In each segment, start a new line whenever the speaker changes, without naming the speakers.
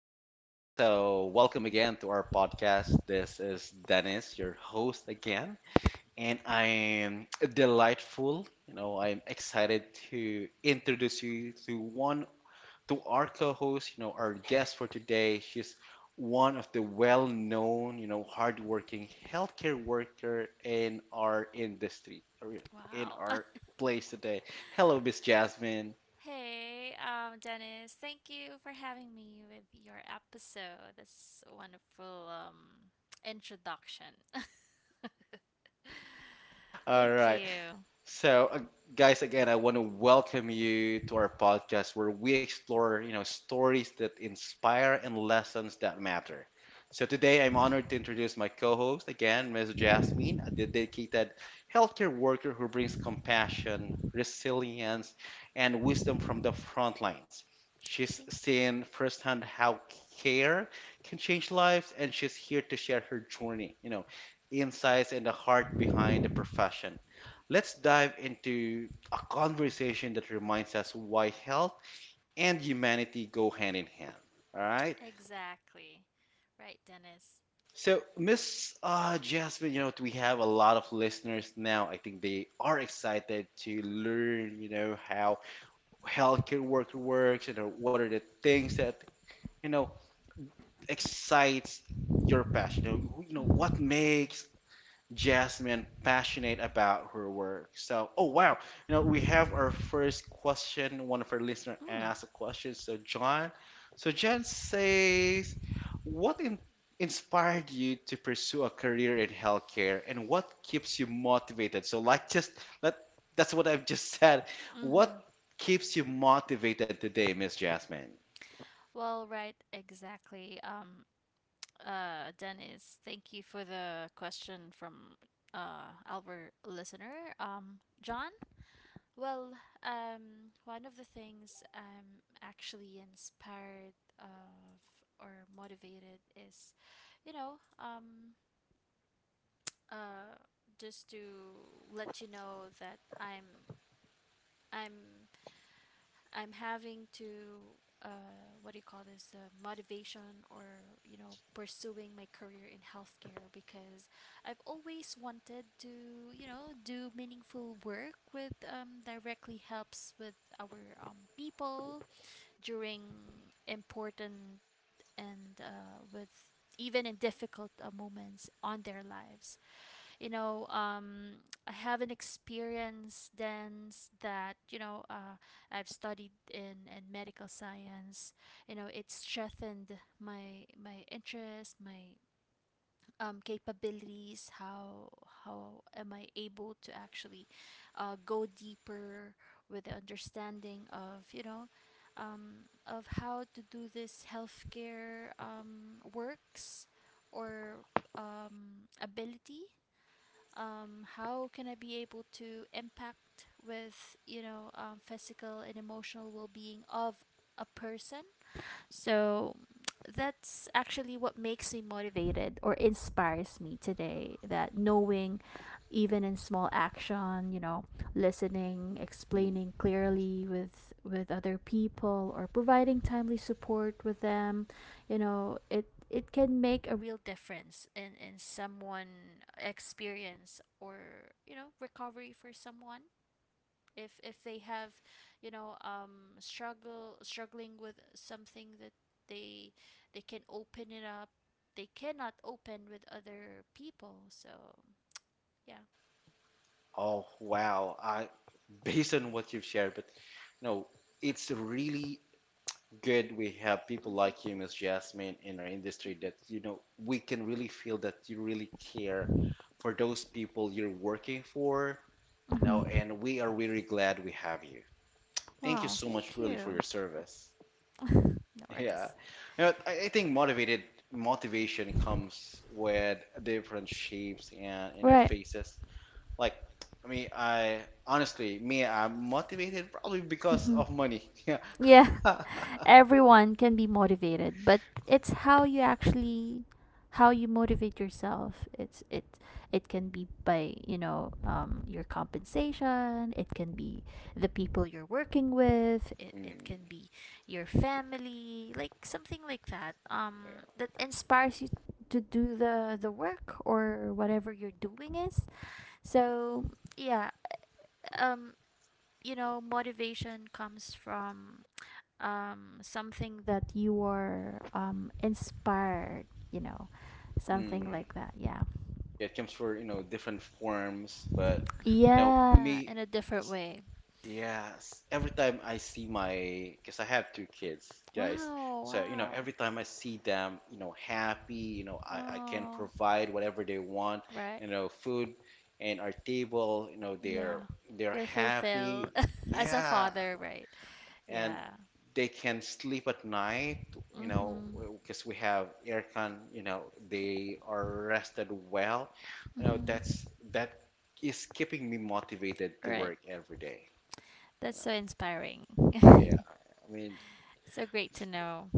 good day. Welcome again to our podcast. This is Dennis, your host again, and I am delightful. I'm excited to introduce you to one to our co-host, our guest for today. She's one of the well-known, hardworking healthcare worker in our industry, or in our place today. Hello, Miss Jasmine.
Dennis, thank you for having me with your episode. This wonderful introduction.
All
thank
right. So, guys, again, I want to welcome you to our podcast where we explore, stories that inspire and lessons that matter. So today, I'm honored to introduce my co-host again, Ms. Jasmine, a dedicated healthcare worker who brings compassion, resilience, and wisdom from the front lines. She's
Thank
seen firsthand how care
you.
can change lives, and she's here to share her journey, insights and the heart behind the profession. Let's dive into a conversation that reminds us why health and humanity go hand in hand. All right.
Exactly. Right, Dennis.
So, Miss Jasmine, we have a lot of listeners now. I think they are excited to learn, how healthcare work works, what are the things that, you know, excites your passion. You know what makes Jasmine passionate about her work. So, oh wow, we have our first question. One of our listeners
Mm.
asked a question. So, John says, what in inspired you to pursue a career in healthcare, and what keeps you motivated? So, like, just let that's what
So,
I've just said. What
mm-hmm.
keeps you motivated today, Miss Jasmine?
Well, right, exactly. Dennis, thank you for the question from our listener, John. Well, one of the things I'm actually inspired of or motivated is, you know, um, uh, just to let you know that I'm I'm having to what do you call this motivation, or you know, pursuing my career in healthcare because I've always wanted to, you know, do meaningful work with, um, directly helps with our, um, people during important and with even in difficult moments on their lives, you know. I have an experience dance that, you know, I've studied in medical science, you know. It strengthened my interest, my, capabilities, how am I able to actually go deeper with the understanding of, you know, of how to do this healthcare, works, or, ability, how can I be able to impact with, you know, physical and emotional well-being of a person. So that's actually what makes me motivated or inspires me today, that knowing even in small action, you know, listening,
Mm.
explaining clearly with other people, or providing timely support with them, you know, it can make a real difference in someone experience, or, you know, recovery for someone if they have, you know, um, struggle struggling with something that they they can open it up, they cannot open with other people. So yeah.
Oh wow, I based on what you've shared, but no, it's really good we have
Mm-hmm.
people like you, Miss Jasmine, in our industry
Mm-hmm.
that, we can really feel that you really care for those people you're working for. Now,
Mm-hmm.
and we are really glad we have you. Thank you
Wow,
so much,
thank
really, for
you.
your service.
No
Yeah.
worries.
You know, I think motivated motivation comes with different shapes and,
Right.
faces. Like, I mean, I honestly, me, I'm motivated probably because
Hmm.
of money. Yeah.
Yeah, everyone can be motivated, but it's how you actually how you motivate yourself. It can be by, you know, um, your compensation, it can be the people you're working with, it can
Mm,
be your family, like something like that.
yeah.
Um, that inspires you to do the work, or whatever you're doing is. So yeah, um, you know, motivation comes from, um, something that you are, um, inspired, you know, something
Mm.
like that. Yeah.
Yeah, it comes for, different forms, but you know,
Yeah,
me
in a different
s-
way.
yes, every time I see my because I have two kids, guys.
Wow,
So,
wow.
every time I see them, happy, you know, I can
Oh,
provide whatever they want,
right.
food and our table,
Yeah.
they're
You're
happy.
fulfilled as a
Yeah,
father, right?
and
Yeah.
they can sleep at night, you know,
Mm-hmm.
because we have aircon, they are rested well. You know,
Mm-hmm.
that's that is keeping me motivated to
Right.
work every day, you
That's
know.
so inspiring.
Yeah. I mean,
So great to know.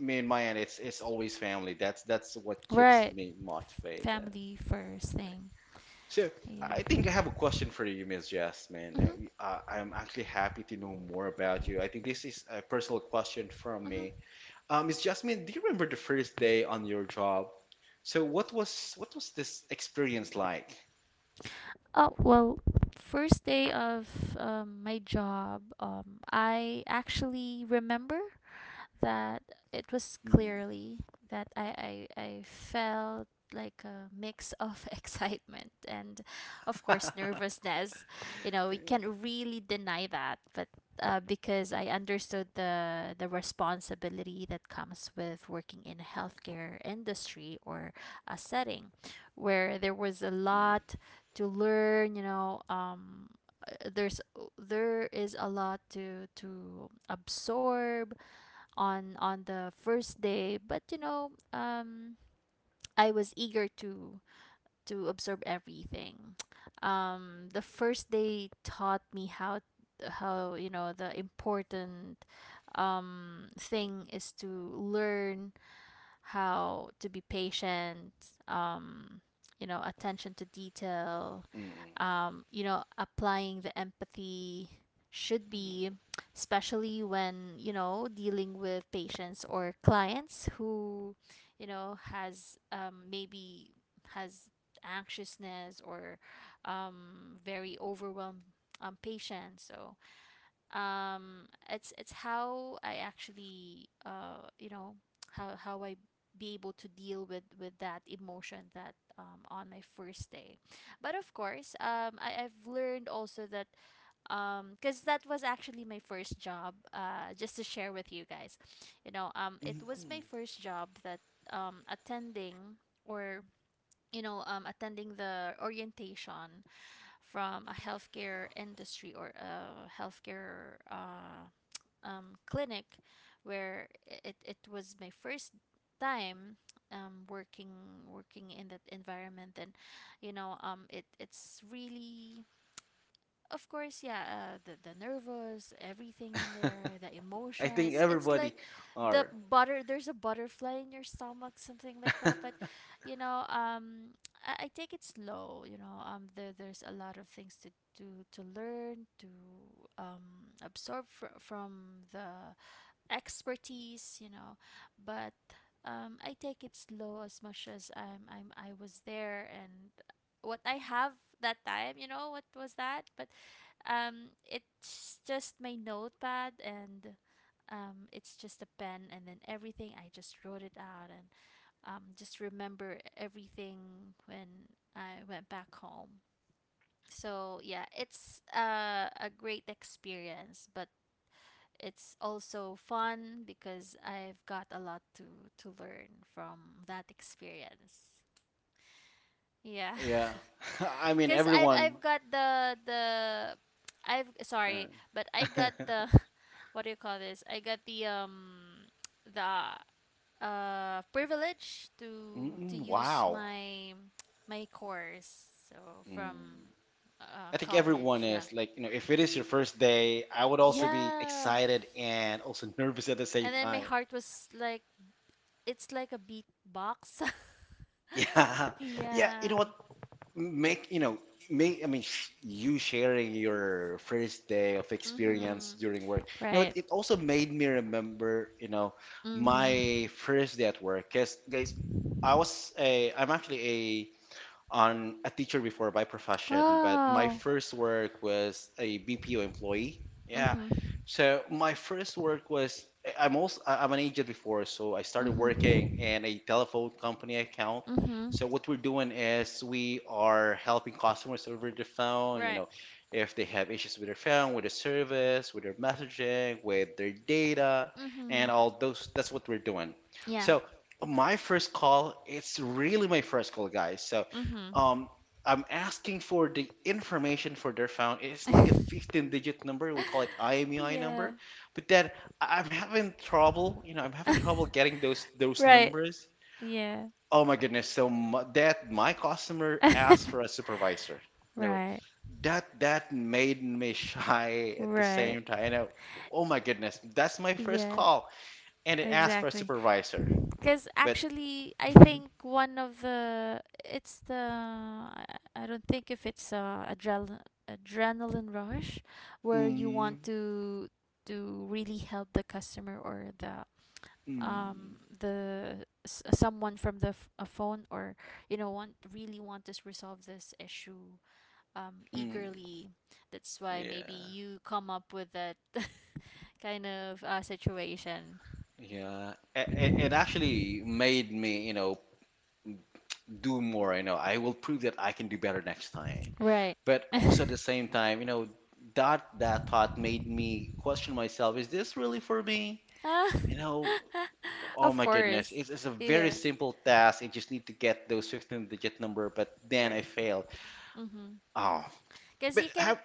me and my end, it's always family. That's what keeps
Right.
me motivated.
Family first thing.
So
Yeah.
I think I have a question for you, Miss Jess, man.
Mm-hmm.
I'm actually happy to know more about you. I think this is a personal question from me.
Mm-hmm.
Miss Jasmine, do you remember the first day on your job? So what was this experience like?
Oh, well, first day of, my job, I actually remember that it was
Mm.
clearly that I felt like a mix of excitement and, of course, nervousness, you know. We can't really deny that, but because I understood the responsibility that comes with working in a healthcare industry, or a setting where there was a
Mm,
lot to learn, you know. Uh, there's there is a lot to absorb on the first day, but, you know, I was eager to absorb everything. The first day taught me how you know, the important, thing is to learn how to be patient, um, you know, attention to detail,
mm,
you know, applying the empathy should be, especially when, you know, dealing with patients or clients who, you know, has, maybe has anxiousness, or, very overwhelmed, patient. So, um, it's how I actually, uh, you know, how I be able to deal with that emotion that, um, on my first day. But of course, um, I've learned also that, um, because that was actually my first job, uh, just to share with you guys, you know. Um, it
mm.
was my first job that, um, attending, or, you know, um, attending the orientation from a healthcare industry or a healthcare, uh, clinic, where it was my first time, working in that environment. And you know, it's really, of course, yeah, the nervous, everything in there, the
I think
emotions, it's
everybody
like the
are.
there's a butterfly in your stomach, something like that. But you know, I take it slow, you know. Um, there's a lot of things to do, to learn, to, absorb from the expertise, you know, but, I take it slow as much as I was there. And what I have that time, you know, what was that? But, it's just my notepad and, it's just a pen, and then everything I just wrote it out, and, just remember everything when I went back home. So yeah, it's, a great experience, but it's also fun because I've got a lot to learn from that experience. Yeah.
Yeah. I mean
Cuz
everyone.
I've got the I've
Uh,
sorry, but I got the what do you call this? I got the, um, the privilege
mm,
to
mm,
use
wow.
my course, so from,
Mm.
uh,
I think everyone
college. Yeah.
is like, if it is your first day, I would also be
Yeah,
excited and also nervous at the same
and then my
time.
heart was like, it's like a beat box.
Yeah. Yeah, you
Yeah.
know what? Make you know make I mean sh you sharing your first day of experience
Mhm.
during work you know it,
Right.
it also made me remember
Mhm.
my first day at work because guys I'm actually a teacher before by profession, but my
Wow.
first work was a BPO employee. Yeah.
Mm-hmm.
So my first work was I- am also I'm an agent before, so I started working
Mm-hmm.
in a telephone company account.
Mm-hmm.
So what we're doing is we are helping customers over the phone,
Right.
if they have issues with their phone, with their service, with their messaging, with their data, and
Mm-hmm.
all those. That's what we're doing.
Yeah.
So my first call, it's really my first call, guys. So
Mm-hmm.
um, I'm asking for the information for their phone. It's like a 15-digit number. We call it IMEI
Yeah.
number. But then I'm having trouble. You know, I'm having trouble getting those numbers.
Yeah.
Oh my goodness! So my customer asked for a supervisor.
Answer.
No,
Right.
that that made me shy at the
Right.
same time. You know, oh my goodness, that's my first
Yeah.
call, and it asked for a
Exactly.
supervisor.
Because
But
actually, I
mm,
think one of the, it's the, I I don't think if it's, adrenaline rush, where you
mm,
want to really help the customer, or the, um, the someone from the f- a phone, or you know, want really want to resolve this issue,
mm,
eagerly. That's why maybe
yeah.
you come up with that kind of, situation.
Yeah, it actually made me, do more. You know, I will prove that I can do better next time.
Right.
But also at the same time, that that thought made me question myself: Is this really for me?
Ah.
You know, oh
Of
my goodness,
course.
it's a very
Yeah.
simple task. I just need to get those 15-digit number, but then I
Right.
fail.
Mm-hmm.
Oh,
Because
but
you can.
how?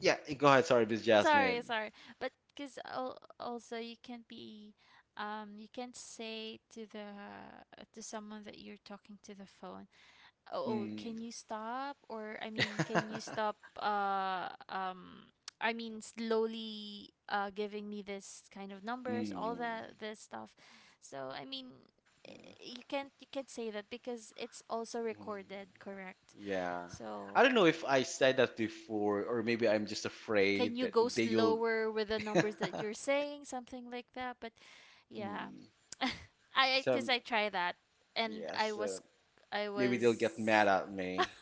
Yeah, go ahead. Sorry,
Please go
Miss
ahead. Sorry,
Jasmine.
sorry, but because also you can't be, um, you can't say to the, to someone that you're talking to the phone, oh,
Mm.
can you stop? Or I mean, can you stop, I mean, slowly, uh, giving me this kind of numbers, all
Mm.
that this stuff. So I mean, eh, you can't say that because it's also recorded, correct?
Yeah. I
So,
don't know if I said that before, or maybe I'm just
can
afraid
you
that
go
they'll.
slower with the numbers that you're saying, something like that. But yeah.
Mm.
I
So,
because I try that, and
yeah, so
I
maybe they'll get
was.
mad at me.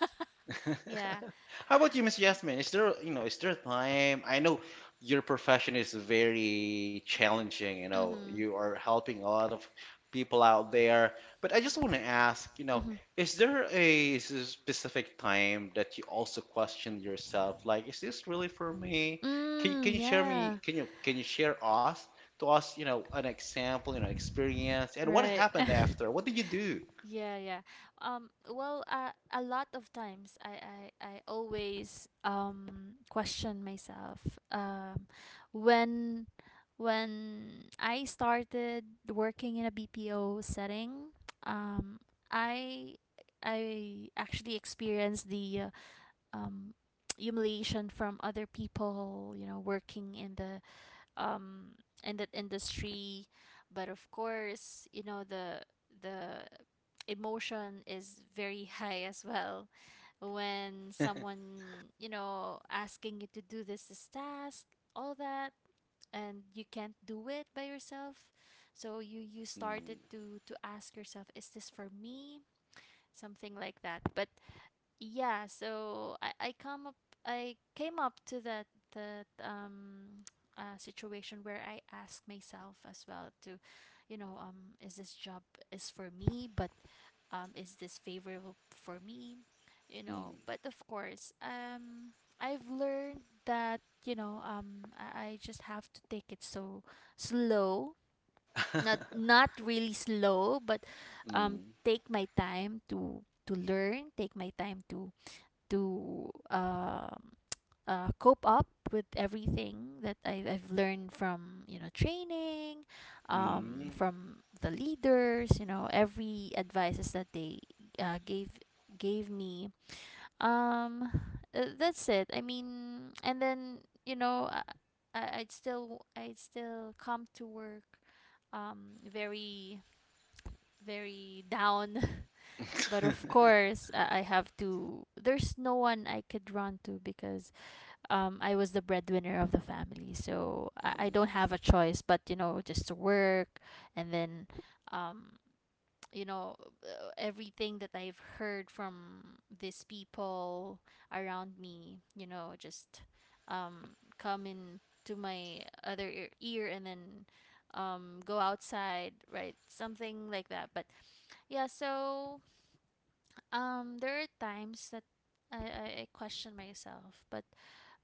Yeah.
How about you, Miss Yasmin? Is there, is there a time? I know your profession is very challenging,
Mhm.
you are helping a lot of people out there, but I just want to ask,
Mhm.
is there a specific time that you also question yourself, like, is this really for me?
Mm,
Can you share
yeah.
me, can you share us to us, an example, experience, and what
Right.
happened after? What did you do?
Yeah. Well, a lot of times, I always, question myself. When I started working in a BPO setting, um, I I actually experienced the, uh, um, humiliation from other people, you know, working in the, um, in that industry. But of course, you know, the emotion is very high as well, when someone, you know, asking you to do this task, all that, and you can't do it by yourself. So you started
Mm,
to ask yourself, is this for me, something like that. But yeah, so I came up to that, um, situation where I ask myself as well to, you know, is this job is for me, but, is this favorable for me, you know? But of course, I've learned that, you know, I just have to take it so slow, not really slow, but,
mm.
take my time to learn, take my time to to um cope up with everything that I've learned from, you know, training,
Mm,
from the leaders. You know, every advices that they, uh, gave gave me. Um, that's it. I mean, and then, you know, I'd still come to work, um, very down. But of course, I have to, there's no one I could run to because, I was the breadwinner of the family, so I
mm,
don't have a choice but, you know, just to work. And then, um, you know, everything that I've heard from these people around me, you know, just, come in to my other ear, and then, go outside, right? Something like that. But yeah, so, there are times that I question myself, but,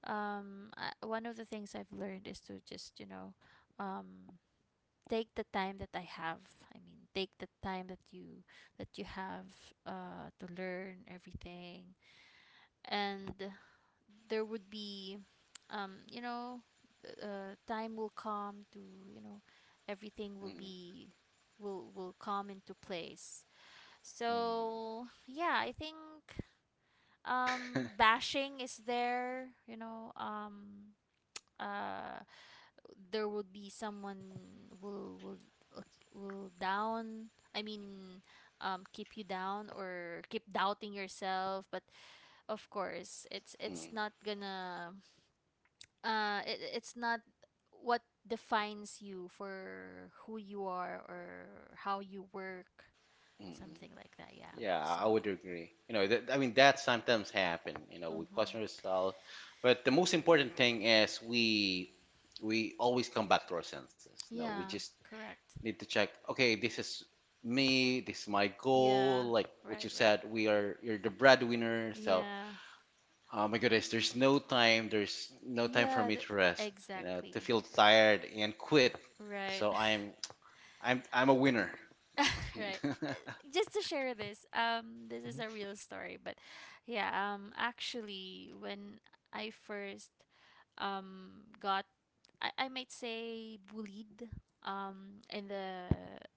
um, one of the things I've learned is to just, you know, um, take the time that I have, I mean, take the time that you have, uh, to learn everything. And there would be, um, you know, time will come to, you know, everything
mm,
will come into place.
mm,
So yeah, I think, um, bashing is there, you know, um, uh, there would be someone will, uh, will down I mean um, keep you down, or keep doubting yourself. But of course, it's not
mm,
gonna, uh, it's not what defines you for who you are or how you work,
mm.
something like that. Yeah.
Yeah,
So
I would agree. You know, that, I mean, that sometimes happen. You know, we
mhm.
question ourselves, but the most important thing is we always come back to our senses. No, we
Yeah,
just
correct.
need to check. Okay, this is me. This is my
Yeah,
goal. Like what
right,
you
right.
said, we are you're the breadwinner. So,
Yeah.
oh my goodness, there's no time. There's no time for
Yeah,
me
the,
to rest. You know, to
exactly.
feel tired and quit.
Right.
So I'm a winner.
Right. Uh, Just to share this, this is a real story, but yeah, actually, when I first got, I might say bullied, in the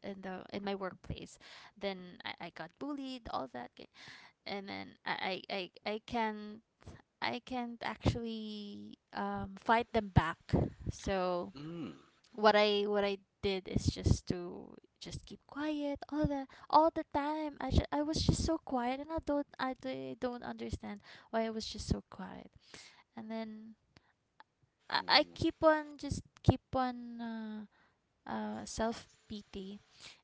in my workplace, then I got bullied, all that, and then I can I can't actually fight them back. So
Mm,
what I did is just to just keep quiet all the time. I was just so quiet, and I don't don't understand why I was just so quiet. And then I
mm,
keep on just keep on self pity,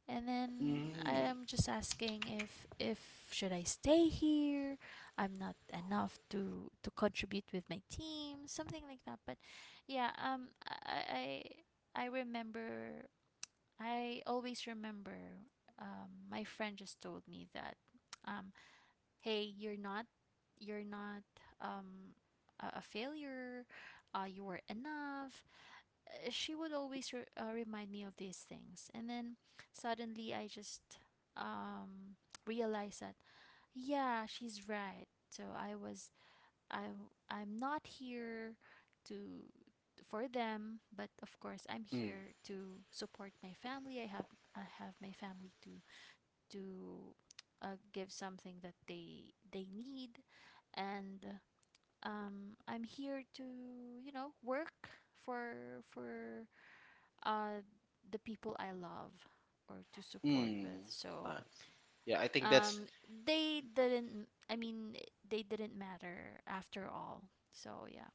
and then
mm,
I'm just asking if should I stay here. I'm not enough to contribute with my team, something like that. But yeah, I remember, I always remember, my friend just told me that, um hey, you're not um a failure, you were enough. She would always remind me of these things. And then suddenly I just um, realized that, yeah, she's right. So I was, I, I'm not here to for them, but of course I'm
mm,
here to support my family. I have my family to give something that they need. And I'm here to, you know, work for uh, the people I love or to support
mm.
with. So
Uh, yeah, I think that's
um, they didn't. I mean, they didn't matter after all. So yeah,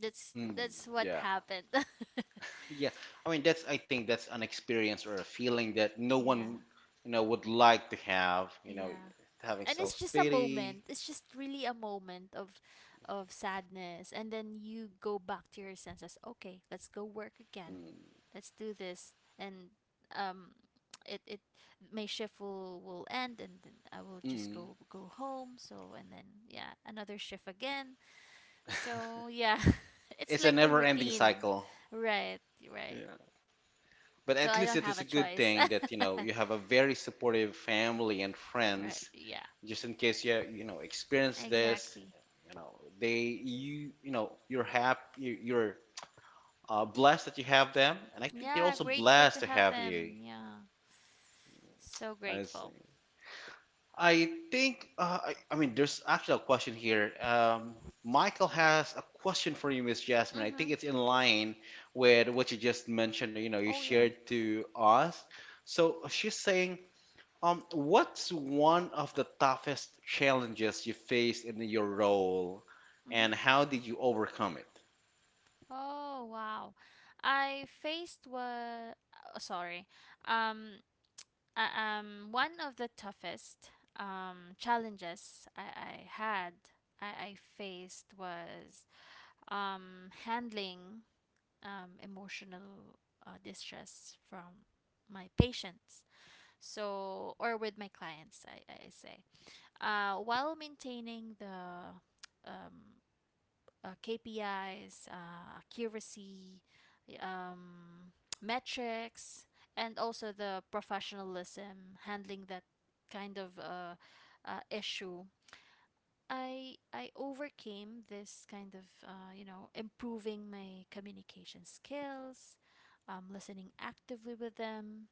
mm,
that's what
yeah,
happened.
yeah. I mean, that's I think that's an experience or a feeling that no one
Yeah,
would like to have. You know,
yeah,
having
and it's just a
self-pity.
moment. It's just really a moment of sadness, and then you go back to your senses. Okay, let's go work again,
Mm,
let's do this. And um it, my shift will end, and then I will just
mm.
go home. So and then yeah, another shift again. So yeah, it's
It's a
like a
never-ending
routine.
cycle.
Right. Right.
Yeah. But
So
at
I
least
don't
it
have
is a
a
good
choice.
thing that you know you have a very supportive family and
Right,
friends
yeah.
just in case you you know experience this
Exactly.
you know they you know, you're happy you're blessed that you have them and I think they're
Yeah,
also
grateful
blessed
to
to
have
have you.
them. Yeah, so
I
grateful.
see. I think I mean, there's actually a question here Michael has a question for you Miss Jasmine. I
Mm-hmm.
think it's in line with what you just mentioned, you know, you
Oh, yeah.
shared to us. So she's saying, what's one of the toughest challenges you faced in your role, and
Mm-hmm.
how did you overcome it?
Oh, wow. I faced what, oh, sorry. Um One of the toughest challenges I faced was handling emotional distress from my patients. So, or with my clients, I say, while maintaining the um, KPIs, accuracy, um, metrics, and also the professionalism handling that kind of issue. I overcame this kind of you know, improving my communication skills, listening actively with them,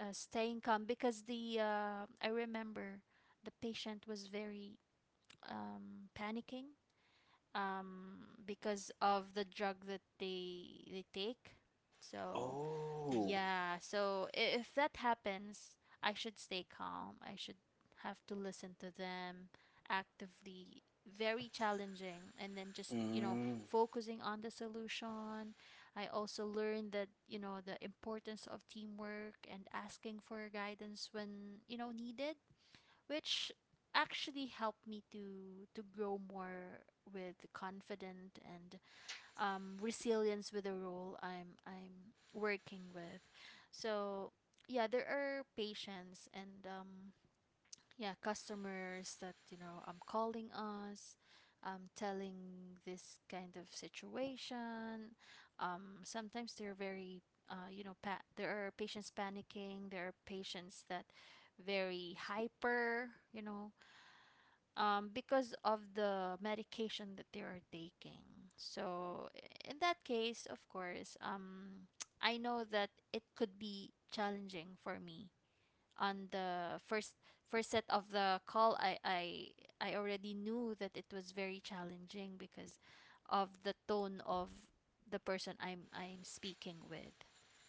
staying calm because the I remember the patient was very panicking because of the drug that they take. So,
Oh,
yeah. So, if that happens, I should stay calm. I should have to listen to them actively. Very challenging, and then just, you know,
mm,
focusing on the solution. I also learned that, you know, the importance of teamwork and asking for guidance when, you know, needed, which actually helped me to grow more with confident and resilience with the role I'm working with. So yeah, there are patients and yeah, customers that, you know, I'm calling us. Telling this kind of situation. Sometimes they're very, you know, there are patients panicking. There are patients that very hyper, you know, because of the medication that they are taking. So in that case, of course, I know that it could be challenging for me on the first set of the call. I already knew that it was very challenging because of the tone of the person I'm speaking with.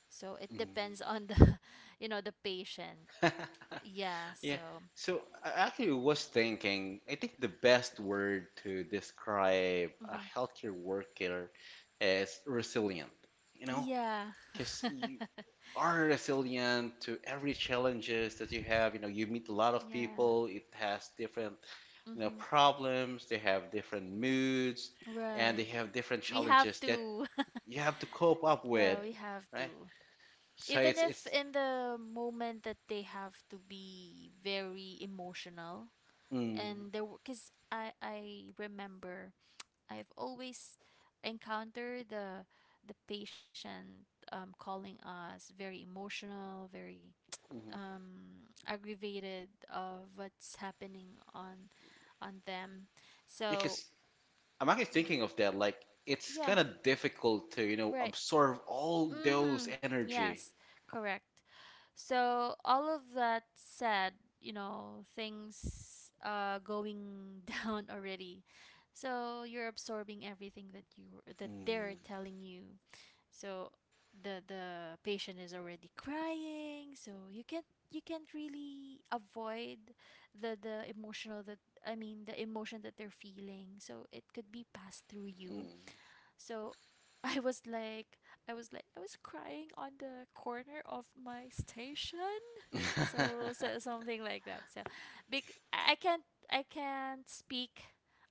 So it
mm.
depends on the you know, the patient. Yeah,
Yeah.
so
So I actually was thinking, I think the best word to describe a healthcare worker is resilient. You know,
yeah.
because
Is
you are resilient to every challenges that you have. You know, you meet a lot of people. It has different problems, they have different moods, and they have different challenges that you have to cope up with, right? So
even if
it's
in the moment that they have to be very emotional,
mm,
and there, because I remember I've always encountered the patient, calling us very emotional, very
mhm.
aggravated of what's happening on them. So
Because I'm actually thinking of that,
y-
like it's
yeah,
kind of difficult to,
right.
absorb all those
Mm-hmm.
energy.
Yes, correct. So all of that said, you know, things going down already. So you're absorbing everything that you that they're
Mm,
telling you. So the patient is already crying, so you can't really avoid the emotional that, I mean, the emotion that they're feeling. So it could be passed through you. So I was like I was crying on the corner of my station,
mm.
so, so something like that. So, bec- I I can't I can't speak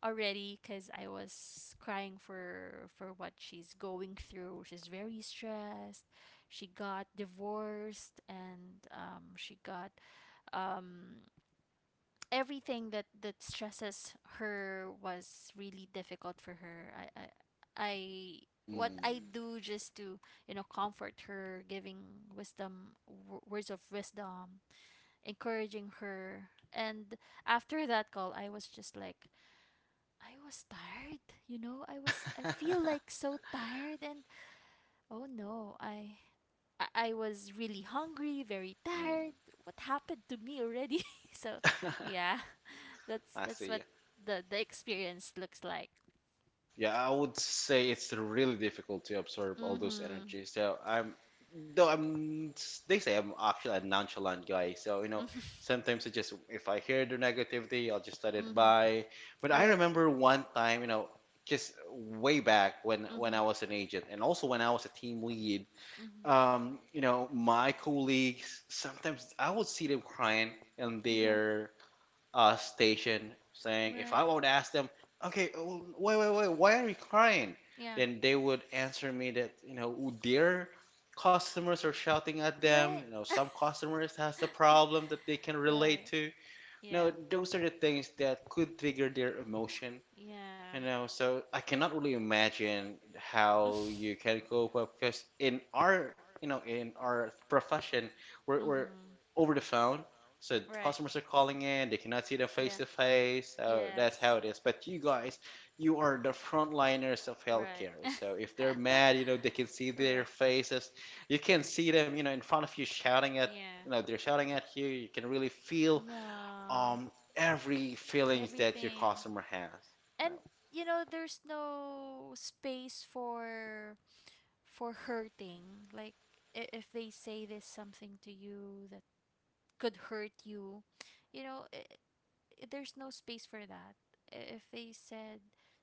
already because I was crying for what she's going through. She's very stressed. She got divorced and she got um, everything that stresses her was really difficult for her. I What I
Mm.
do just to, you know, comfort her, giving wisdom, words of wisdom, encouraging her. And after that call, I was just like, I was tired, you know. I was, I feel like so tired, and oh no, I was really hungry, very
Mm.
tired. What happened to me already? So, yeah,
I
that's
see.
what the experience looks like.
Yeah, I would say it's really difficult to absorb all those
Mm-hmm.
energies. Though I'm, they say I'm actually a nonchalant guy. So,
Mhm.
sometimes I just,
Sometimes.
if I hear the negativity, I'll just let it
Mhm.
by. But I remember one time, just way back when
Mhm.
I was an agent and also when I was a team lead,
Mhm.
you know, my colleagues, sometimes I would see them crying in their station saying, if I would ask them, okay, oh, wait, why are you crying?
Yeah.
Then they would answer me that, their customers are shouting at them. You know, some customers has a
It's a
problem that they can relate to. You
yeah.
know, those are the things that could trigger their emotion.
Yeah.
I know, so I cannot really imagine how you can cope up because in our, in our profession, we're,
we
we're over the phone. So the
we're,
customers are calling in, they cannot see them face to face. So that's how it is. But you guys, you are the frontliners of healthcare. So if they're mad, they can see their faces. You can
mad
see them, in front of you shouting at, they're shouting at
you.
you. You can really feel
Yeah.
um every feelings that your customer has. No.
And, you know, there's no space for hurting, like, if they say this something to you that could hurt you, you know, I there's no space for that. If they said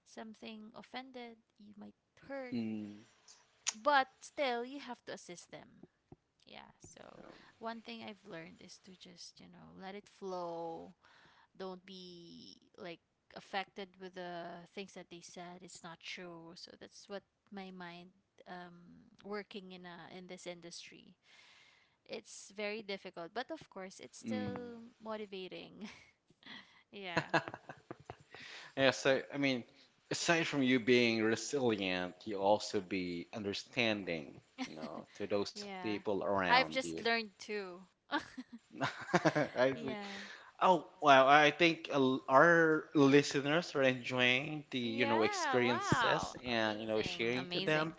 something offended, you might hurt,
Mm,
but still you have to assist them. Yeah, so one thing I've learned is to just, you know, let it flow. Don't be like affected with the things that they said. It's not true. So that's what my mind, working in in this industry, it's very difficult, but of course it's
mm.
still motivating. Yeah.
Yeah, so
Right.
I mean, aside from you being resilient, you also be understanding, to those
Yeah,
people
I've
around you.
just learned too.
I see.
Yeah.
Oh, wow. I think our listeners are enjoying the, experiences and, sharing to
Amazing.
them.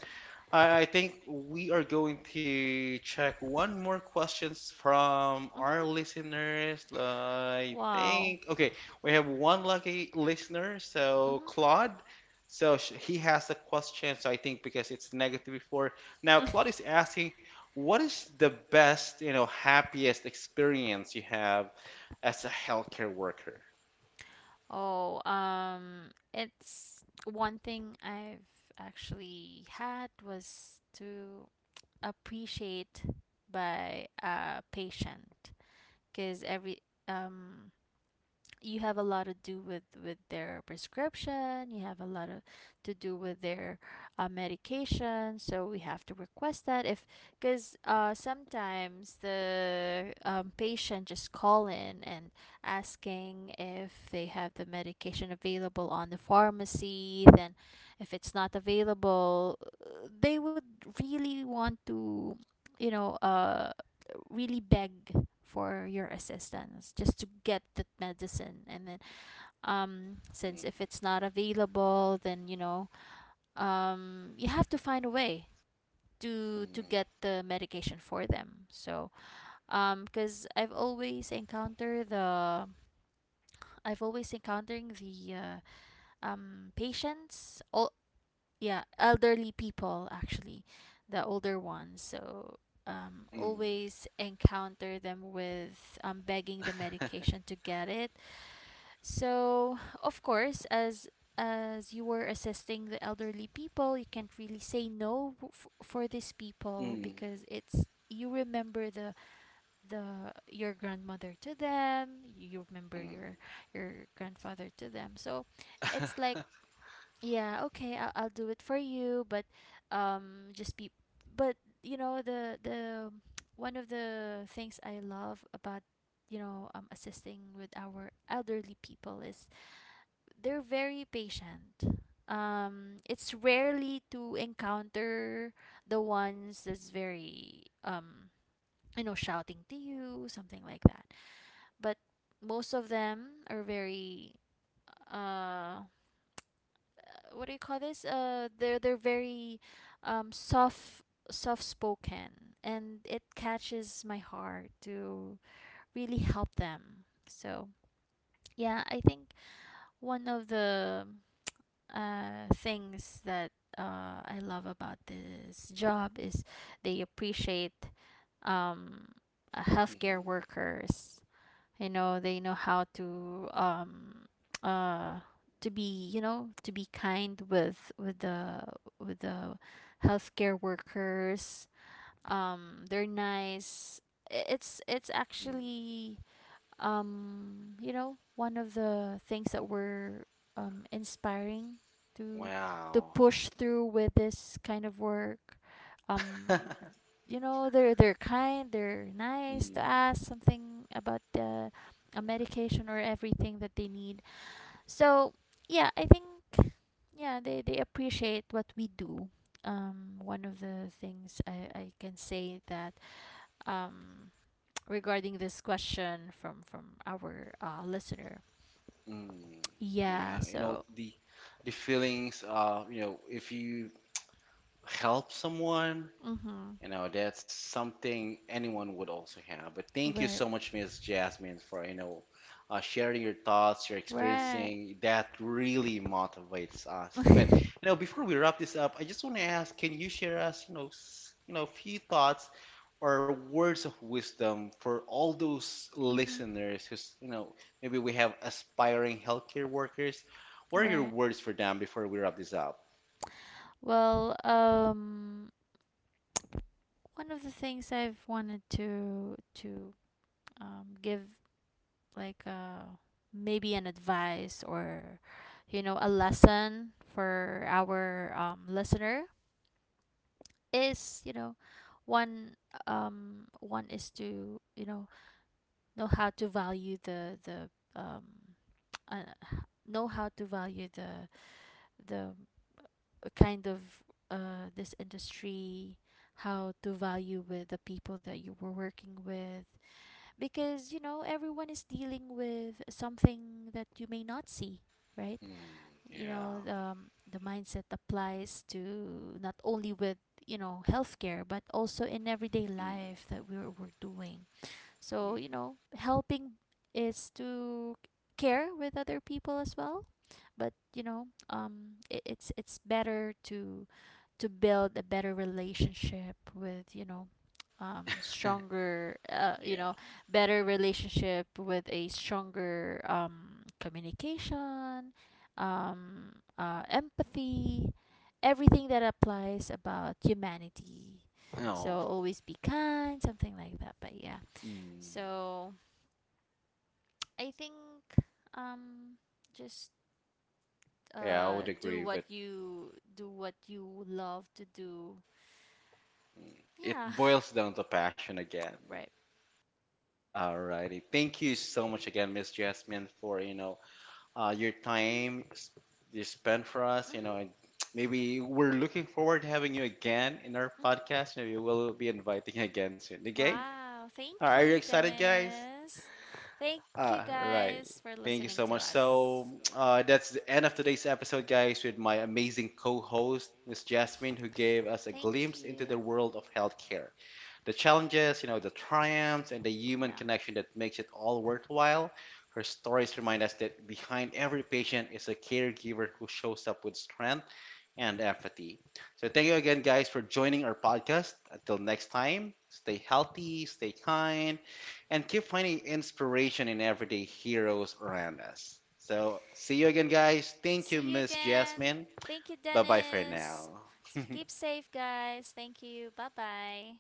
I think we are going to check one more questions from
Hmm.
our listeners. I
Wow.
think okay, we have one lucky listener,
Hmm.
so Claude. So sh he has a question. So I think because it's negative before. Now Claude is asking, what is the best, happiest experience you have as a healthcare worker?
Oh, it's one thing I've actually had was to appreciate by a patient. Because every um you have a lot to do with their prescription. You have a lot of to do with their medication. So we have to request that if, because sometimes the patient just call in and asking if they have the medication available on the pharmacy. Then if it's not available, they would really want to, you know, really beg for your assistance just to get that medicine. And then since
Mm,
if it's not available, then, you know, you have to find a way to
mm,
get the medication for them. So because I've always encountering the patients, all, yeah, elderly people actually, the older ones. So
mm,
always encounter them with, begging the medication to get it. So, of course, as you were assisting the elderly people, you can't really say no for these people,
mm,
because it's, you remember the your grandmother to them, you remember
mm,
your grandfather to them. So, it's like, yeah, okay, I'll do it for you, but just be but, you know, the one of the things I love about, you know, assisting with our elderly people is they're very patient. It's rarely to encounter the ones that's very you know, shouting to you, something like that. But most of them are very uh what do you call this? They're very soft, soft spoken, and it catches my heart to really help them. So yeah, I think one of the things that I love about this job is they appreciate um, healthcare
mm,
workers. You know, they know how uh, to be, you know, to be kind with the healthcare workers. They're nice. It's
mm.
actually you know, one of the things that were inspiring to to
Wow.
push through with this kind of work. Um, you know, they're kind, they're nice to
Mm,
ask something about the a medication or everything that they need. So yeah, I think, yeah, they appreciate what we do. One of the things I can say that um, regarding this question from our listener.
mm. Yeah,
Yeah,
you know
so
the feelings you know if you help someone.
mm-hmm.
You know, that's something anyone would also have. But thank you so
Right.
much, Miss Jasmine, for, sharing your thoughts, your
Right.
experiencing. That really motivates us. But, before we wrap this up, I just want to ask, can you share us, few thoughts or words of wisdom for all those
Mm-hmm.
listeners who's, maybe we have aspiring healthcare workers. What are your
Right.
words for them before we wrap this up?
Well, one of the things I've wanted to give, like maybe an advice or, you know, a lesson for our listener is, you know, one one is to, you know how to value the um uh, know how to value the kind of this industry, how to value with the people that you were working with. Because, you know, everyone is dealing with something that you may not see, right?
Mm,
You
yeah.
know, the mindset applies to not only with, you know, healthcare, but also in everyday
Mm,
life that we're doing. So,
mm,
you know, helping is to care with other people as well. But, you know, it's better to build a better relationship with, you know, stronger you
yeah.
know, better relationship with a stronger communication, empathy, everything that applies about humanity.
No,
So always be kind, something like that, but yeah.
mm,
So I think um just
yeah, I would
do
agree,
what
but
you love to do. Yeah.
it boils down to
It
passion again. Alrighty, thank you so much again, Miss Jasmine, for your time you spent for us. You know, and maybe we're looking forward to having you again in our
know, your. Mhm.
podcast. Maybe we'll be inviting you again soon. Okay? All right, are you
Thank. All.
excited, guys?
Thank you
All
guys.
right. Thank you so much. So that's the end of today's episode, guys, with my amazing co-host, Miss
Jasmine,
Jasmine, who gave us a glimpse into the world of healthcare. The challenges, the triumphs, and the human connection that makes it all worthwhile. Her stories remind us that behind every patient is a caregiver who shows up with strength and empathy. So, thank you again, guys, for joining our podcast. Until next time, stay healthy, stay kind, and keep finding inspiration in everyday heroes around us. So, see you again, guys. Thank you, Miss Jasmine. Bye bye for
now.
now.
Keep safe, guys. Thank you. Bye bye.